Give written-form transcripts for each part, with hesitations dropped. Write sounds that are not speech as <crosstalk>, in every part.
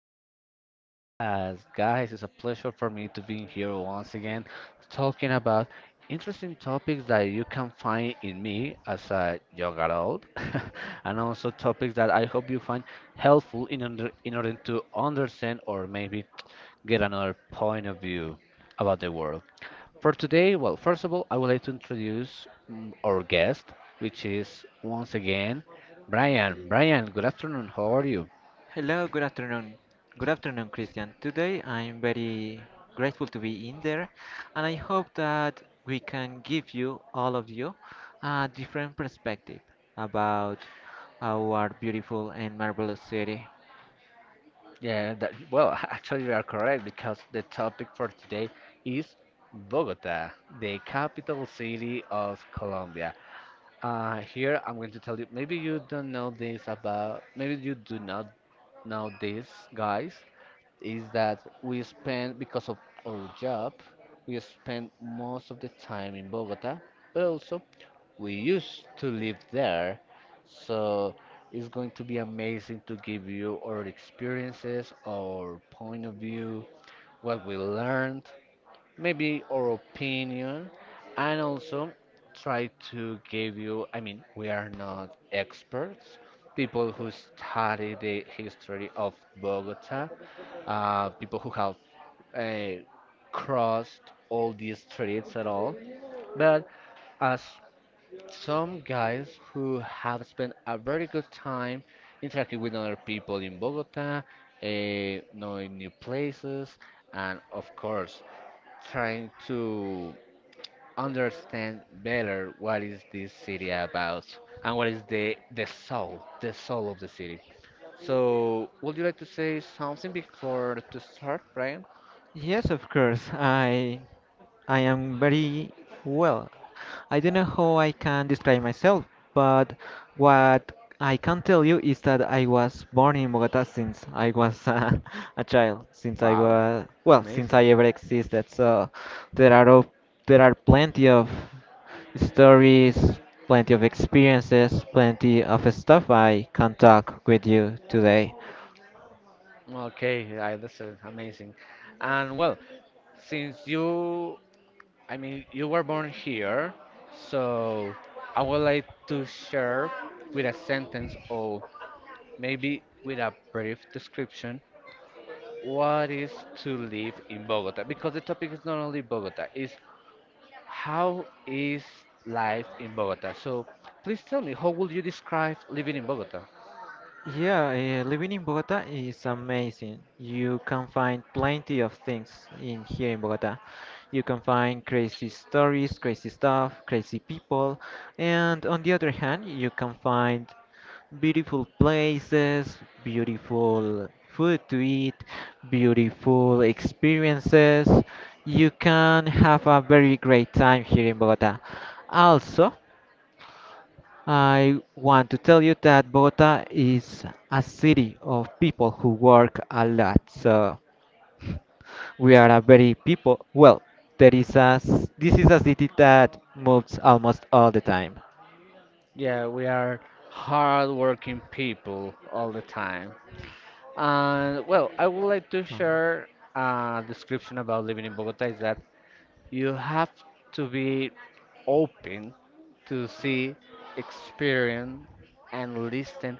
to my podcast. Guys, it's a pleasure for me to be here once again talking about interesting topics that you can find in me as a young adult, <laughs> and also topics that I hope you find helpful in order to understand or maybe get another point of view about the world. For today, well, first of all, I would like to introduce our guest, which is once again Brian. Brian, good afternoon. How are you? Hello, good afternoon. Good afternoon, Christian. Today I'm very grateful to be in there, and I hope that we can give you, all of you, a different perspective about our beautiful and marvelous city. Yeah, that, well, <laughs> actually, you are correct because the topic for today is Bogota, the capital city of Colombia. Here, I'm going to tell you. Maybe you don't know this about. Maybe you do not know this, guys. Is that we spend, because of our job, we spend most of the time in Bogota, but also we used to live there. So it's going to be amazing to give you our experiences, our point of view, what we learned, maybe our opinion, and also try to give you, I mean, we are not experts. People who study the history of Bogota, people who have uh, crossed all these streets at all. But as some guys who have spent a very good time interacting with other people in Bogota, knowing new places, and of course, trying to understand better what is this city about and what is the soul, the soul of the city. So, would you like to say something before to start, Brian? Yes, of course. I am very well. I don't know how I can describe myself, but what I can tell you is that I was born in Bogota since I was <laughs> a child, since I Wow, was, well, since amazing. I ever existed. So there are op- there are plenty of stories, plenty of experiences, plenty of stuff I can talk with you today. Okay, I understand. Amazing. And well, since you, I mean, you were born here, so I would like to share with a sentence or maybe with a brief description what is to live in Bogota. Because the topic is not only Bogota, it's how is life in Bogota. So please tell me, how would you describe living in Bogota? Yeah, living in Bogota is amazing. You can find plenty of things in here in Bogota. You can find crazy stories, crazy stuff, crazy people, and on the other hand, you can find beautiful places, beautiful food to eat, beautiful experiences. You can have a very great time here in Bogota. Also, I want to tell you that Bogota is a city of people who work a lot. So <laughs> we are a very people. Well, there is a s- this is a city that moves almost all the time. Yeah, we are hardworking people all the time. Well, I would like to So, share a description about living in Bogota is that you have to be open to see, experience, and listen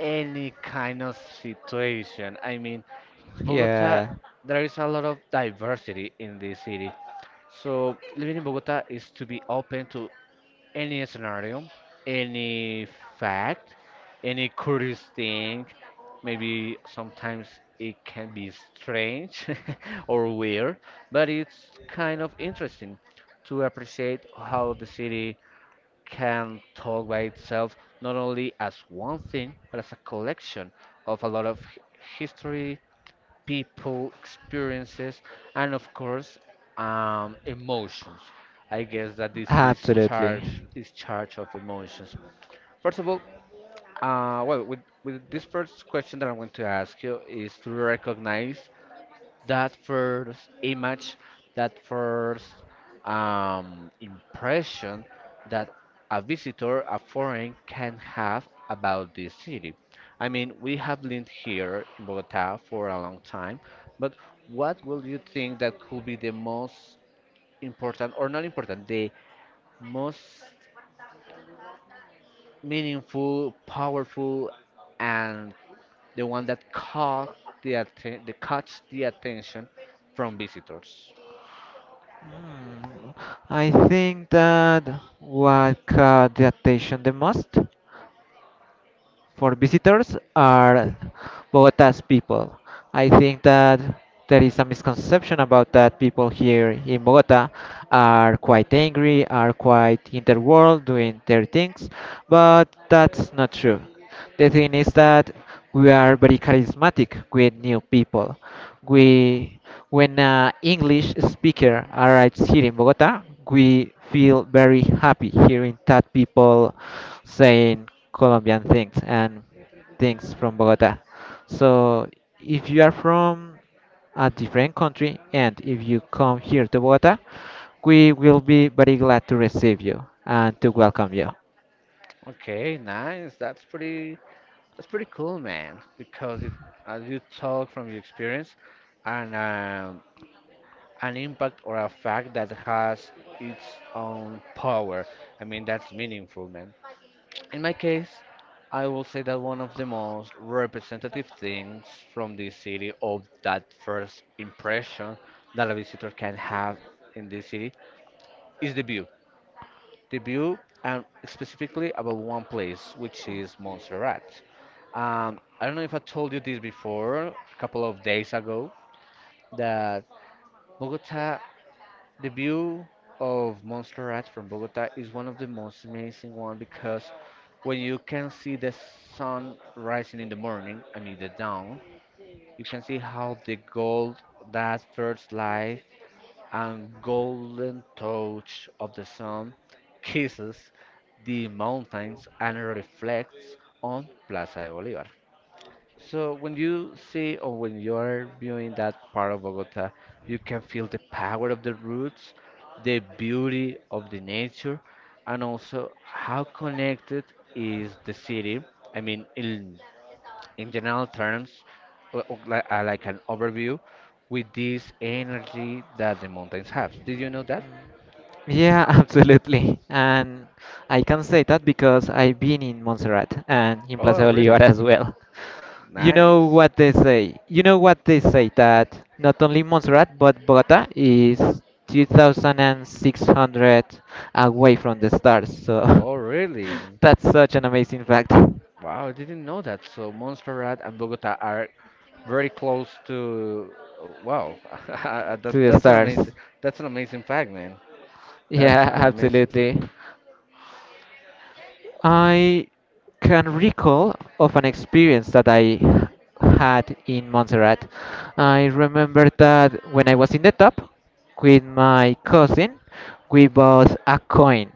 any kind of situation. I mean, Bogota, yeah, there is a lot of diversity in this city. So living in Bogota is to be open to any scenario, any fact, any curious thing. Maybe sometimes it can be strange <laughs> or weird, but it's kind of interesting to appreciate how the city can talk by itself, not only as one thing, but as a collection of a lot of history, people, experiences, and of course, emotions. I guess that this it absolutely. Is charge of emotions. First of all, well, with this first question that I'm going to ask you is to recognize that first image, that first impression that a visitor, a foreign, can have about this city. I mean, we have lived here in Bogota for a long time, but what will you think that could be the most important, or not important, the most meaningful, powerful, and the one that caught that catch the attention from visitors? Hmm, I think that what caught the attention the most for visitors are Bogota's people. I think that there is a misconception about that people here in Bogota are quite angry, are quite in their world doing their things, but that's not true. The thing is that we are very charismatic with new people. Mm. We when an English speaker arrives here in Bogota, we feel very happy hearing that people saying Colombian things and things from Bogota. So, if you are from a different country and if you come here to Bogota, we will be very glad to receive you and to welcome you. Okay, nice. That's pretty cool, man. Because it, as you talk from your experience, and an impact or a fact that has its own power. I mean, that's meaningful, man. In my case, I will say that one of the most representative things from the city of that first impression that a visitor can have in this city is the view debut and specifically about one place, which is Montserrat. I don't know if I told you this before, a couple of days ago, that Bogota, the view of Montserrat from Bogota is one of the most amazing one because when you can see the sun rising in the morning, I mean the dawn, you can see how the gold that first light and golden touch of the sun kisses the mountains and reflects on Plaza de Bolívar. So when you see or when you're viewing that part of Bogota, you can feel the power of the roots, the beauty of the nature, and also how connected is the city. I mean, in general terms, like an overview with this energy that the mountains have. Did you know that? Yeah, <laughs> absolutely. And I can say that because I've been in Montserrat and in Plaza Oh, Bolívar really? as well. Nice. You know what they say that not only Montserrat but Bogota is 2,600 away from the stars. So <laughs> Oh, really? that's such an amazing fact to Wow, I didn't know that. So Montserrat and Bogota are very close to. Wow, <laughs> the that's an stars. amazing. That's an amazing fact, man. That's Yeah, an <laughs> amazing fact. absolutely. I can recall of an experience that I had in Montserrat. I remember that when I was in the top with my cousin, we bought a coin.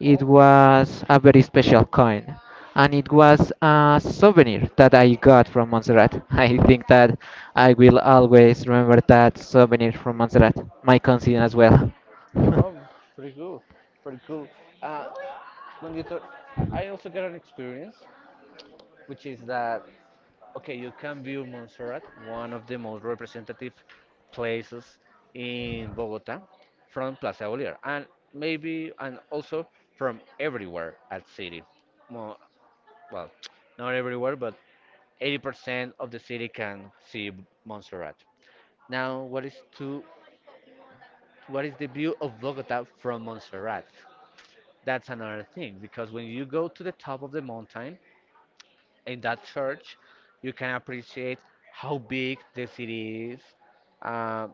It Oh, was a very special coin, and it was a souvenir that I got from Montserrat. <laughs> I think that I will always remember that souvenir from Montserrat, my cousin as well. <laughs> no, pretty cool, pretty cool. Uh, when you talk, I also got an experience, which is that okay, you can view Montserrat, one of the most representative places in Bogota, from Plaza Bolívar, and maybe and also from everywhere at city. Mo- Well, <tsk> not everywhere, but 80% of the city can see Montserrat. Now, what is the view of Bogota from Montserrat? That's another thing because when you go to the top of the mountain, in that church, you can appreciate how big the city is, uh,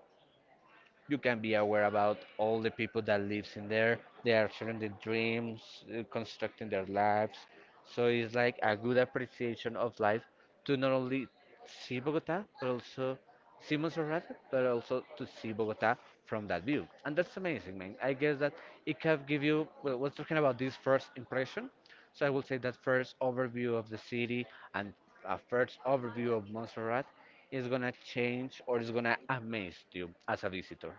you can be aware about all the people that lives in there they are sharing their dreams constructing their lives, so it's like a good appreciation of life to not only see Bogota but also see Montserrat, but also to see Bogota from that view. And that's amazing, man. I guess that it can give you, well, we're talking about this first impression, so I will say that first overview of the city and a first overview of Montserrat is gonna change or is gonna amaze you as a visitor.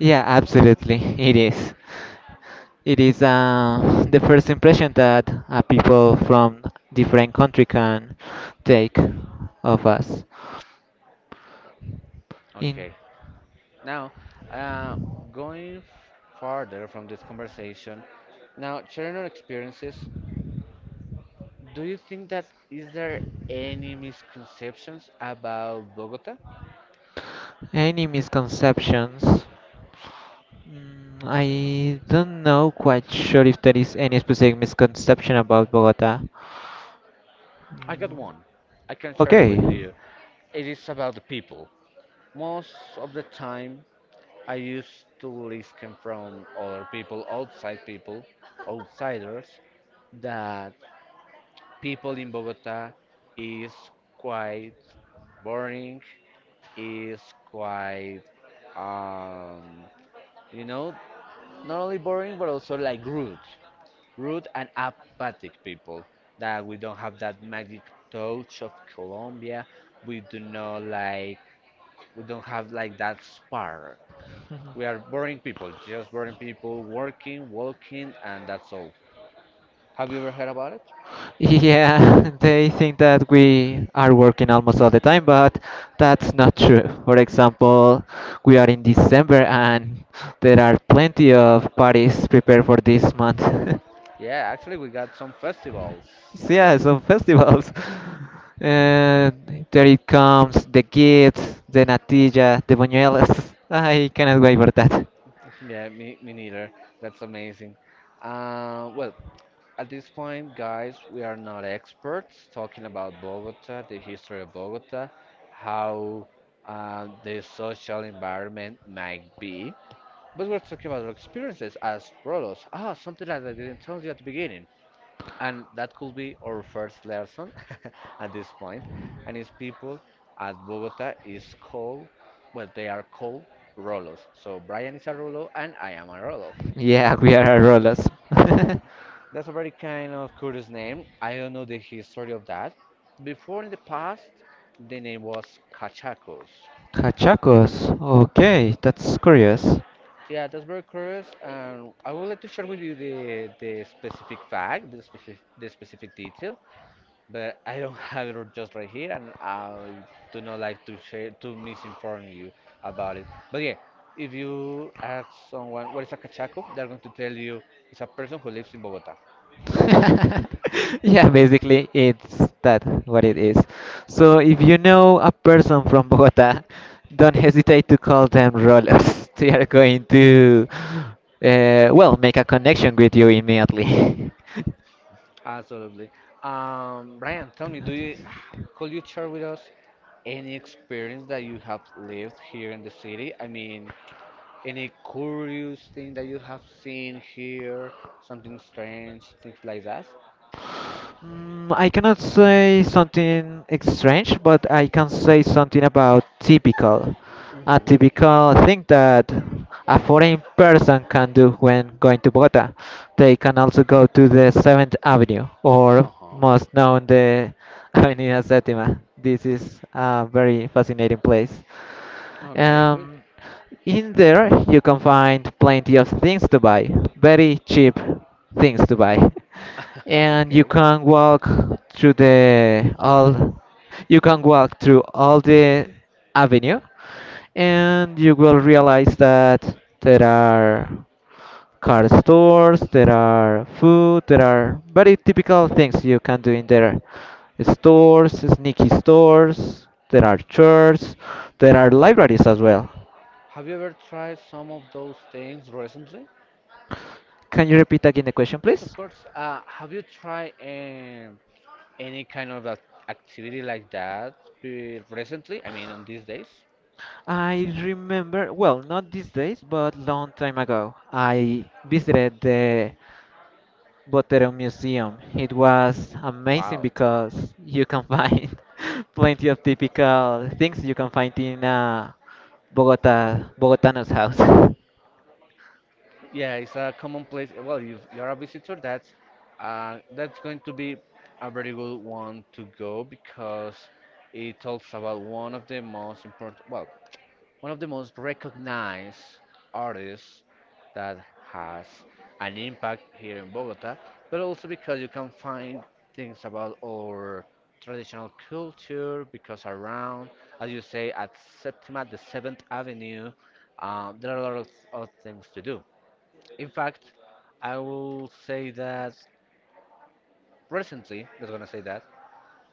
Yeah, absolutely, it is. It is the first impression that people from different country can take of us. In Okay. Now, uh, going farther from this conversation, now sharing our experiences, do you think that is there any misconceptions about Bogota? any misconceptions? I don't know quite sure if there is any specific misconception about Bogota. I got one. I can share it Okay, with you. It is about the people. Most of the time, I used to listen from other people, outside people, outsiders, that people in Bogota is quite boring, is quite, um, you know, not only boring but also like rude, rude and apathic people. That we don't have that magic touch of Colombia. We do not like, we don't have like that spark. We are boring people, just boring people, working, walking, and that's all. Have you ever heard about it? yeah, <laughs> they think that we are working almost all the time, but that's not true. For example, we are in December and there are plenty of parties prepared for this month. <laughs> Yeah, actually, we got some festivals, So I guess. yeah, some festivals. <laughs> And there it comes, the kids, the natilla, the buñuelos. <laughs> I cannot wait for that. Yeah, me neither. That's amazing. Well, at this point, guys, we are not experts talking about Bogota, the history of Bogota, how the social environment might be, but we're talking about our experiences as Rolos. Ah, something that I didn't tell you at the beginning, and that could be our first lesson <laughs> at this point. And it's people at Bogota is called, well, they are called Rolos. So Brian is a Rolo, and I am a Rolo. Yeah, we are rollers. <laughs> That's a very kind of curious name. I don't know the history of that. Before in the past, the name was Cachacos. Cachacos. Okay, that's curious. Yeah, that's very curious. And I would like to share with you the specific fact, the specific detail, but I don't <laughs> have it just right here, and I do not like to share to misinform you about it. But yeah, if you ask someone what is a cachaco, they're going to tell you it's a person who lives in Bogota. <laughs> Yeah, basically it's that what it is. So if you know a person from Bogota, don't hesitate to call them Rolos. <laughs> They are going to, well, make a connection with you immediately. <laughs> Absolutely. Brian, tell me, do you could you share with us any experience that you have lived here in the city? I mean, any curious thing that you have seen here, something strange, things like that? I cannot say something strange, but I can say something about typical. A Mm-hmm. typical thing that a foreign person can do when going to Bogota. They can also go to the 7th Avenue, or Uh-huh. most known the <laughs> Avenida Séptima. This is a very fascinating place. Okay, good. Um, in there, you can find plenty of things to buy, very cheap things to buy. <laughs> <laughs> And Okay. Through the all, you can walk through all the avenue, and you will realize that there are car stores, there are food, there are very typical things you can do in there. Stores, sneaky stores, there are churches, there are libraries as well. Have you ever tried some of those things recently? Can you repeat again the question, Yes, of please? course. Have you tried a any kind of activity like that recently? I mean, on these days? I remember, well, not these days, but long time ago, I visited the Botero Museum. It was amazing Wow. because you can find <laughs> plenty of typical things you can find in Bogotano's house. <laughs> Yeah, it's a common place. Well, if you're a visitor, that's going to be a very good one to go because it talks about one of the most important, well, one of the most recognized artists that has an impact here in Bogota, but also because you can find things about our traditional culture because around, as you say, at Septima, the Seventh Avenue, there are a lot of things to do. In fact, I will say that recently, just gonna say that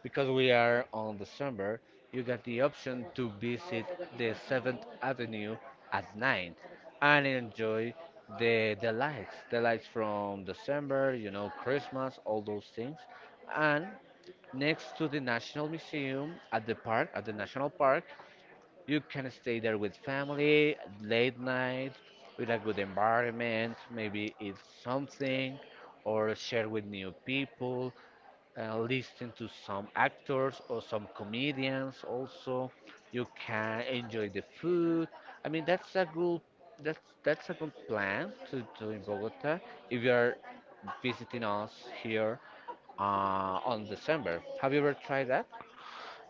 because we are on December, you got the option to visit the 7th Avenue at night and enjoy the lights from December, you know, Christmas, all those things. And next to the National Museum at the National Park, you can stay there with family late night with a good environment, maybe eat something or share with new people, listen to some actors or some comedians. Also, you can enjoy the food. I mean, that's a good plan to do in Bogota if you are visiting us here. On December, have you ever tried that?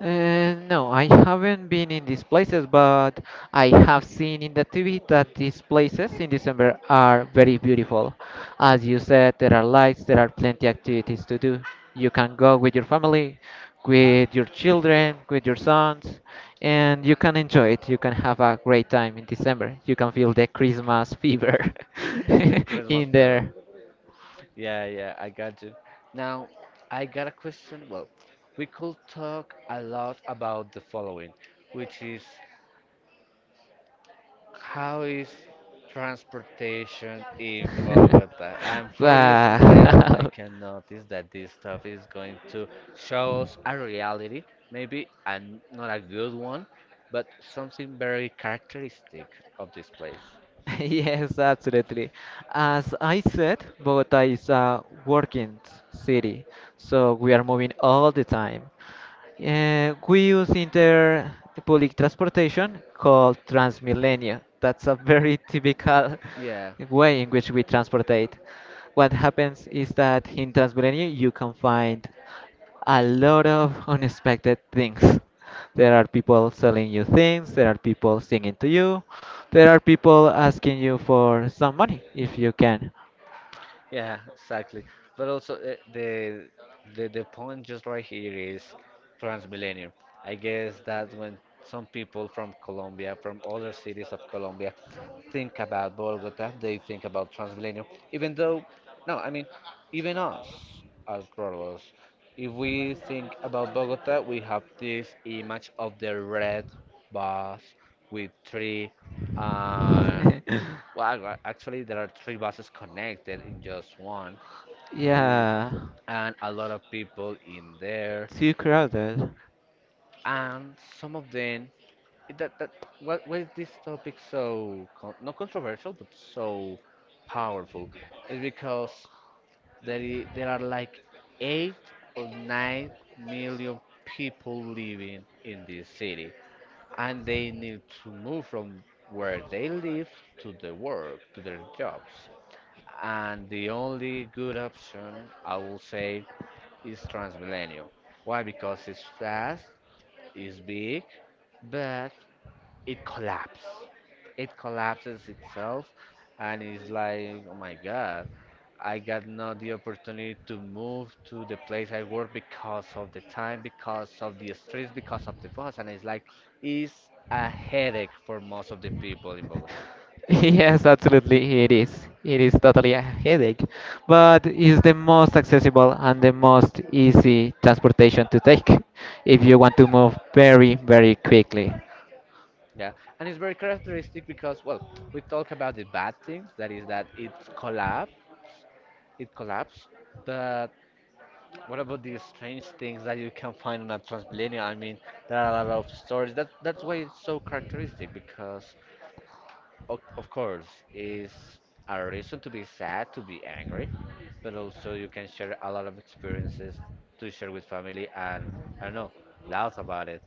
No, I haven't been in these places, but I have seen in the TV that these places in December are very beautiful. As you said, there are lights, there are plenty activities to do. You can go with your family, with your children, with your sons, and you can enjoy it. You can have a great time in December. You can feel the Christmas fever <laughs> <laughs> The Christmas in flavor. there. Yeah, yeah, I got you. Now I got a question. Well, we could talk a lot about the following, which is: how is transportation in <laughs> Bogota? And for your smile, I Wow. <laughs> can notice that this stuff is going to show us a reality, maybe, and not a good one, but something very characteristic of this place. <laughs> Yes, absolutely. As I said, Bogota is a working city, so we are moving all the time. We use inter public transportation called Transmilenio. That's a very typical Yeah. <laughs> way in which we transportate. What happens is that in Transmilenio you can find a lot of unexpected things. There Mm. are people selling you things, there are people singing to you, there are people asking you for some money if you can. Yeah, exactly. But also, the point just right here is Transmilenio. I guess that's when some people from Colombia, from other cities of Colombia, think about Bogota. They think about Transmilenio. Even though, no, I mean, even us as Rolos, if we think about Bogota, we have this image of the red bus with three. Uh, <laughs> well, actually, there are three buses connected in just one, eh, Yeah, and a lot of people in there, too crowded. <laughs> and some of them. Eh, That that What Why is this topic, so con not controversial but so powerful? Is because there there are like 8 or 9 million people living in this city, and they need to move from where they live to their jobs. And the only good option, I will say, is Transmilenio. Why? Because it's fast, it's big, but it collapses. It collapses itself, and it's like, oh my God, I got not the opportunity to move to the place I work because of the time, because of the streets, because of the bus, and it's like, it's a headache for most of the people in Bogota. Yes, absolutely, it is. It is totally a headache, but it's the most accessible and the most easy transportation to take <laughs> if you want to move very, very quickly. Yeah, and it's very characteristic because, well, we talk about the bad things, that is that it collapsed, but what about these strange things that you can find on a Transmilenio? I mean, there are a lot of stories. That's why it's so characteristic because, of course, is a reason to be sad, to be angry, but also you can share a lot of experiences to share with family and, I don't know, laugh about it.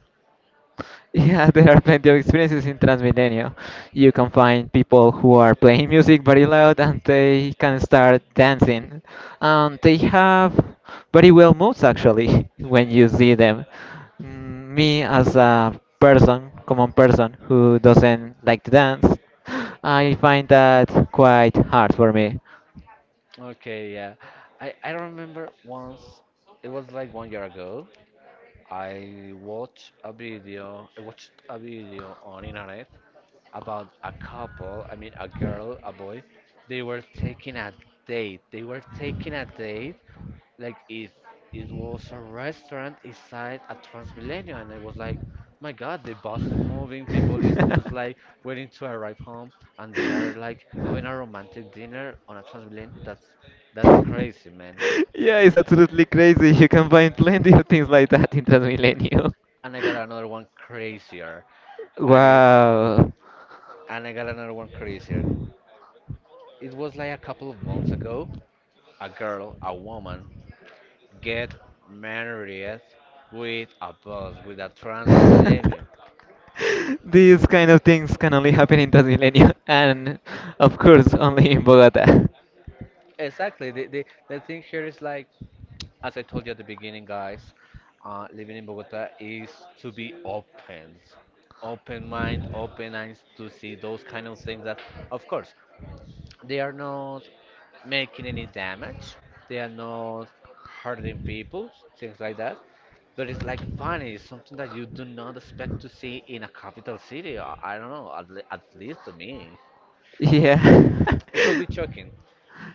<laughs> Yeah, there are plenty of experiences in Transmilenio. You can find people who are playing music very loud and they can start dancing. And they have very well moves actually <laughs> when you see them. Me as a person, common person who doesn't like to dance, <gasps> I find that quite hard for me. Okay, yeah. I remember once, it was like one year ago, I watched a video on internet about a couple, I mean, a girl, a boy, they were taking a They were taking a date, like it was a restaurant inside a Transmilenio, and I was like, my God, the bus is moving, people is just like waiting to arrive home, and they are <laughs> <laughs> like having a romantic dinner on a Transmilenio. That's crazy, man. Yeah, it's absolutely crazy. You can find plenty of things like that in Transmilenio. And I got another one crazier. <laughs> And is Wow. and I got another one crazier. It was like a couple of months ago. A girl, a woman, get married with a bus, with a Transmilenio. <laughs> These kind of things can only happen in Transmilenio and, of course, only in Bogota. Exactly. The thing here is, like, as I told you at the beginning, guys, living in Bogota is to be open, open mind, open eyes to see those kind of things that, of course, they are not making any damage, they are not hurting people, things like that. But it's like funny, it's something that you do not expect to see in a capital city. I don't know, at least to me. Yeah. It could <laughs> be shocking.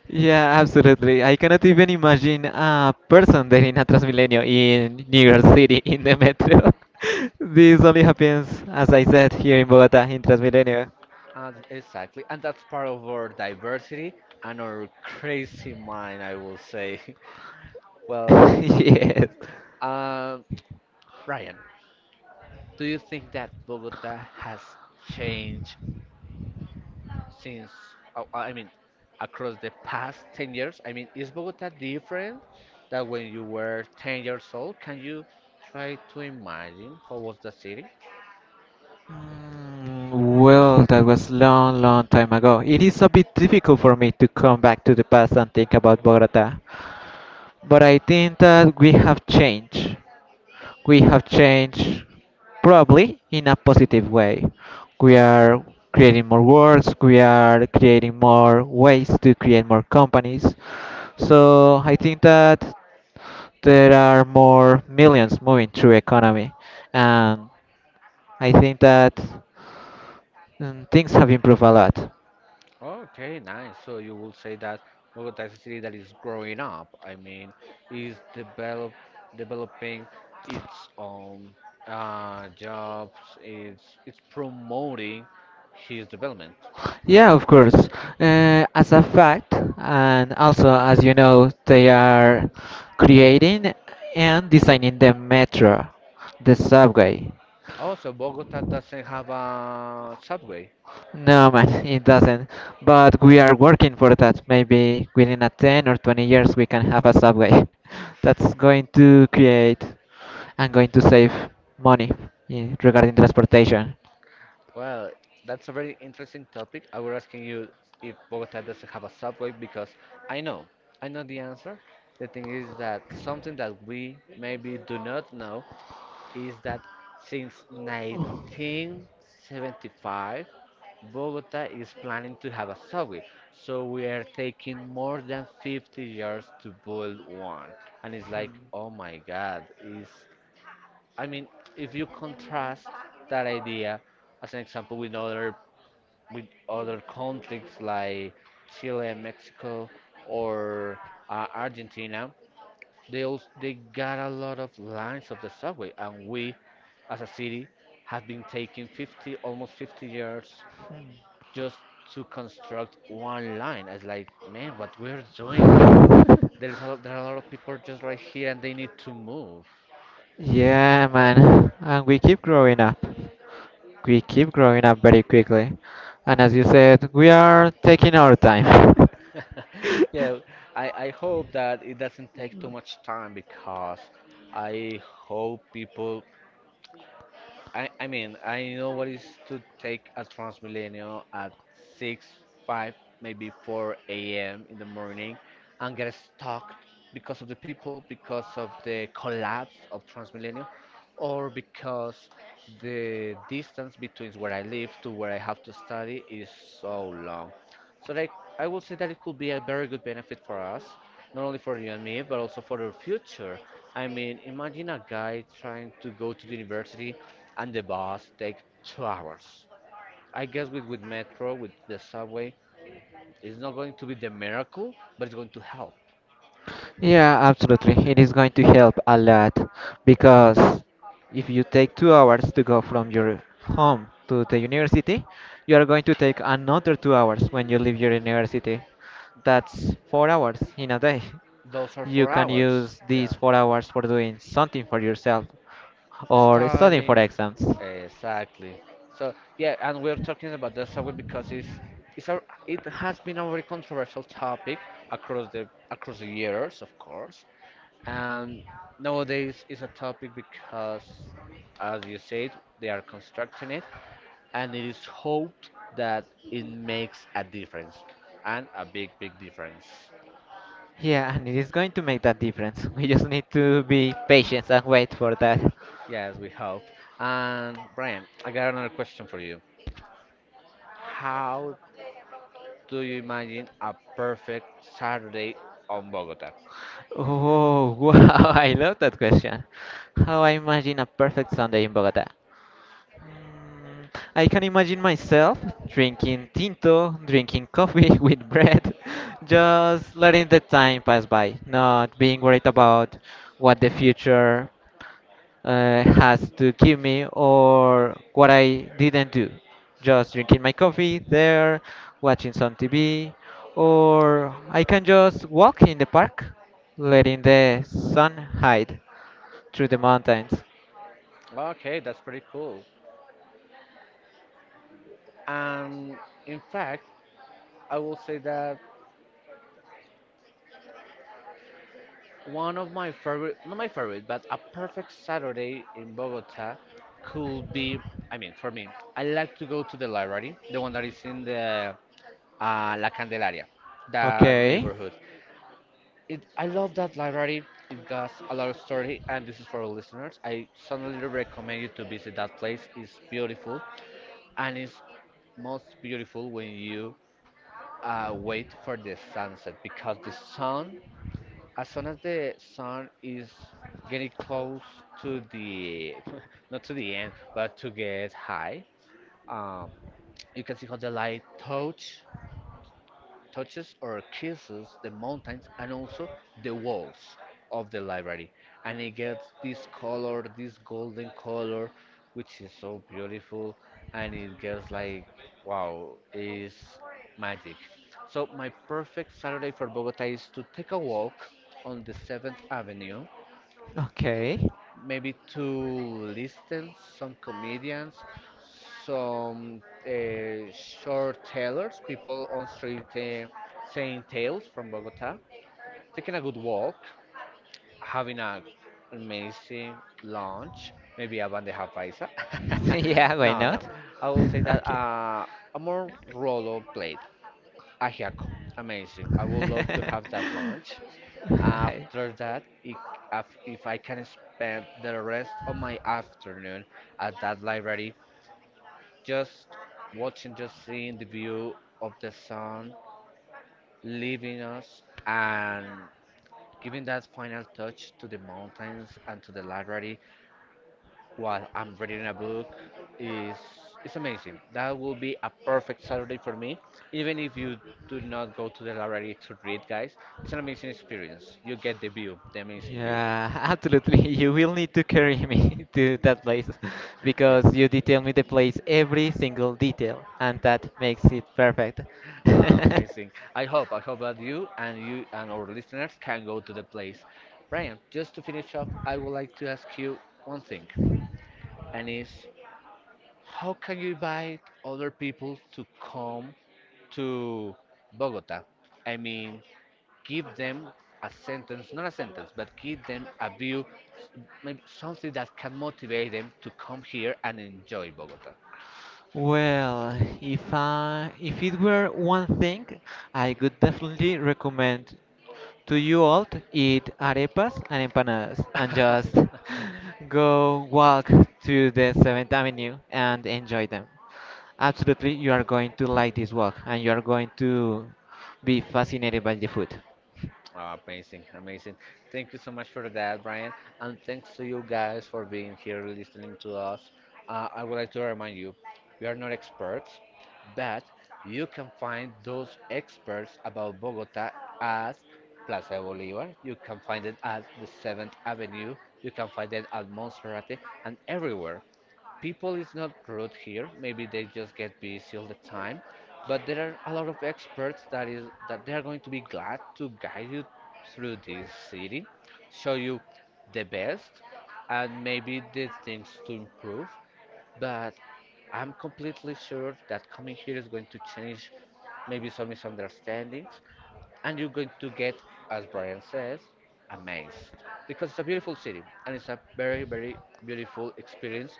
Yeah, absolutely. I cannot even imagine a person there in a Transmilenio in New York City in the metro. <laughs> This only happens, as I said, here in Bogota in Transmilenio. And exactly, and that's part of our diversity and our crazy mind, I will say. <laughs> Well, <laughs> Yes. um, Ryan, do you think that Bogota has changed since, oh, I mean, across the past 10 years? I mean, is Bogota different than when you were 10 years old? Can you try to imagine how was the city? Mm, Well, that was long, long time ago. It is a bit difficult for me to come back to the past and think about Bogota, but I think that we have changed probably in a positive way. We Yeah. are creating more works, we are creating more ways to create more companies. So I think that there are more millions moving through economy, and I think that things have improved a lot. Okay, nice. So you will say that Bogota is a city that is growing up. I mean, is developing its own, jobs. It's promoting his development. Yeah, of course. As a fact, and also as you know, they are creating and designing the metro, the subway. Also, Bogota doesn't have a subway. No, man, <laughs> it doesn't. But we are working for that. Maybe within a 10 or 20 years, we can have a subway <laughs> that's going to create and going to save money regarding transportation. Well, that's a very interesting topic. I was asking you if Bogota doesn't have a subway because I know, I know the answer. The thing is that something that we maybe do not know is that since 1975, Bogota is planning to have a subway. So we are taking more than 50 years to build one. And it's like, oh my God, is I mean, if you contrast that idea as an example with other conflicts like Chile and Mexico, or Argentina, they also, they got a lot of lines of the subway, and we, as a city, have been taking 50, almost 50 years just to construct one line. It's like, man, what we're doing, people. Hmm. There is <laughs> a lot, there are a lot of people just right here, and they need to move. <laughs> Yeah, man, and we keep growing up very quickly. And as you said, we are taking our time. <laughs> Yeah, I hope that it doesn't take too much time because I hope people I mean, I know what is to take a Transmilenio at 6, 5, maybe 4 a.m. in the morning and get stuck because of the people, because of the collapse of Transmilenio, or because the distance between where I live to where I have to study is so long. So, like, I would say that it could be a very good benefit for us, not only for you and me, but also for the future. I mean, imagine a guy trying to go to the university and the bus take 2 hours. I guess with, metro, with the subway, it's not going to be the miracle, but it's going to help. Yeah, absolutely. It is going to help a lot because if you take 2 hours to go from your home to the university, you are going to take another 2 hours when you leave your university. That's 4 hours in a day. Those are four You can hours, use these yeah, 4 hours for doing something for yourself for or studying for studying. exams. Exactly. So, yeah, and we're talking about the subway because it's a, it has been a very controversial topic across the years, of course. And nowadays is a topic because, as you said, they are constructing it, and it is hoped that it makes a difference, and a big, big difference. Yeah, and it is going to make that difference. <laughs> We just need to be patient and wait for that. Yes, we hope. And Brian, I got another question for you. How do you imagine a perfect Saturday on Bogota? Oh, wow, <laughs> I love that question. How I imagine a perfect Sunday in Bogota. Mm, I can imagine myself drinking tinto, drinking coffee <laughs> with bread, just letting the time pass by, not being worried about what the future has to give me or what I didn't do. Just drinking my coffee there, watching some TV, or I can just walk in the park, letting the sun hide through the mountains. Okay, that's pretty cool. And in fact, I will say that one of my favorite, not my favorite, but a perfect Saturday in Bogota could be, I mean, for me, I like to go to the library, the one that is in the, La Candelaria, that Okay, neighborhood. I love that library. It got a lot of story, and this is for all listeners. I strongly recommend you to visit that place. It's beautiful, and it's most beautiful when you, wait for the sunset because the sun as soon as the sun is getting close to the <laughs> not to the end but to get high, um, you can see how the light touches or kisses the mountains and also the walls of the library, and it gets this color, this golden color, which is so beautiful. And it gets like, wow, is magic. So my perfect Saturday for Bogota is to take a walk on the 7th Avenue, okay. maybe to listen some comedians, some, short tellers, people on street, saying tales from Bogota, taking a good walk, having a amazing lunch, maybe a bandeja paisa. <laughs> Yeah, <laughs> why No, no, not? I will say <laughs> that, Okay. A more rollo plate, ajiaco, amazing. I would love to have that <laughs> lunch. Hi. After that, if I can spend the rest of my afternoon at that library, just watching, just seeing the view of the sun leaving us and giving that final touch to the mountains and to the library while I'm reading a book, is, it's amazing. That will be a perfect Saturday for me. Even if you do not go to the library to read, guys, it's an amazing experience. You get the view, the amazing view. Yeah, <laughs> absolutely. You will need to carry me <laughs> to that place <laughs> Yeah. because you detail me the place, every single detail, and that makes it perfect. <laughs> Amazing. I hope that you and our listeners can go to the place. Brian, just to finish up, I would like to ask you one thing, and is, how can you invite other people to come to Bogota? I mean, give them a sentence, not a sentence, but give them a view, maybe something that can motivate them to come here and enjoy Bogota. Well, if it were one thing, I could definitely recommend, do you all eat arepas and empanadas and just <laughs> <laughs> go walk to the 7th Avenue and enjoy them? Absolutely, you are going to like this walk and you are going to be fascinated by the food. Ah, amazing, amazing. Thank you so much for that, Brian. And thanks to you guys for being here listening to us. I would like to remind you, we are not experts, but you can find those experts about Bogota at Plaza Bolivar. You can find it at the 7th Avenue. You can find it at Monserrate and everywhere. People is not rude here, maybe they just get busy all the time, but there are a lot of experts that they are going to be glad to guide you through this city, show you the best, and maybe the things to improve. But I'm completely sure that coming here is going to change maybe some misunderstandings, and you're going to get, as Brian says, amazed, because it's a beautiful city, and it's a very, very beautiful experience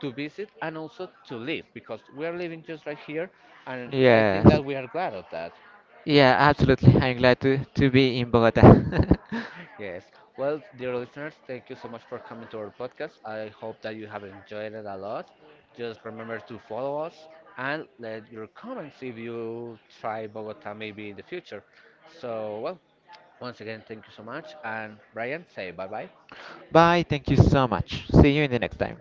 to visit and also to live, because we are living just right here, and I think Yes. that we are glad of that. Yeah, absolutely. I'm glad to be in Bogota. Yes. Well, dear listeners, thank you so much for coming to our podcast. I hope that you have enjoyed it a lot. Just remember to follow us and let your comments if you try Bogota maybe in the future. So, well, once again, thank you so much. And Brian, say bye bye. <laughs> Bye. Thank you so much. See you in the next time.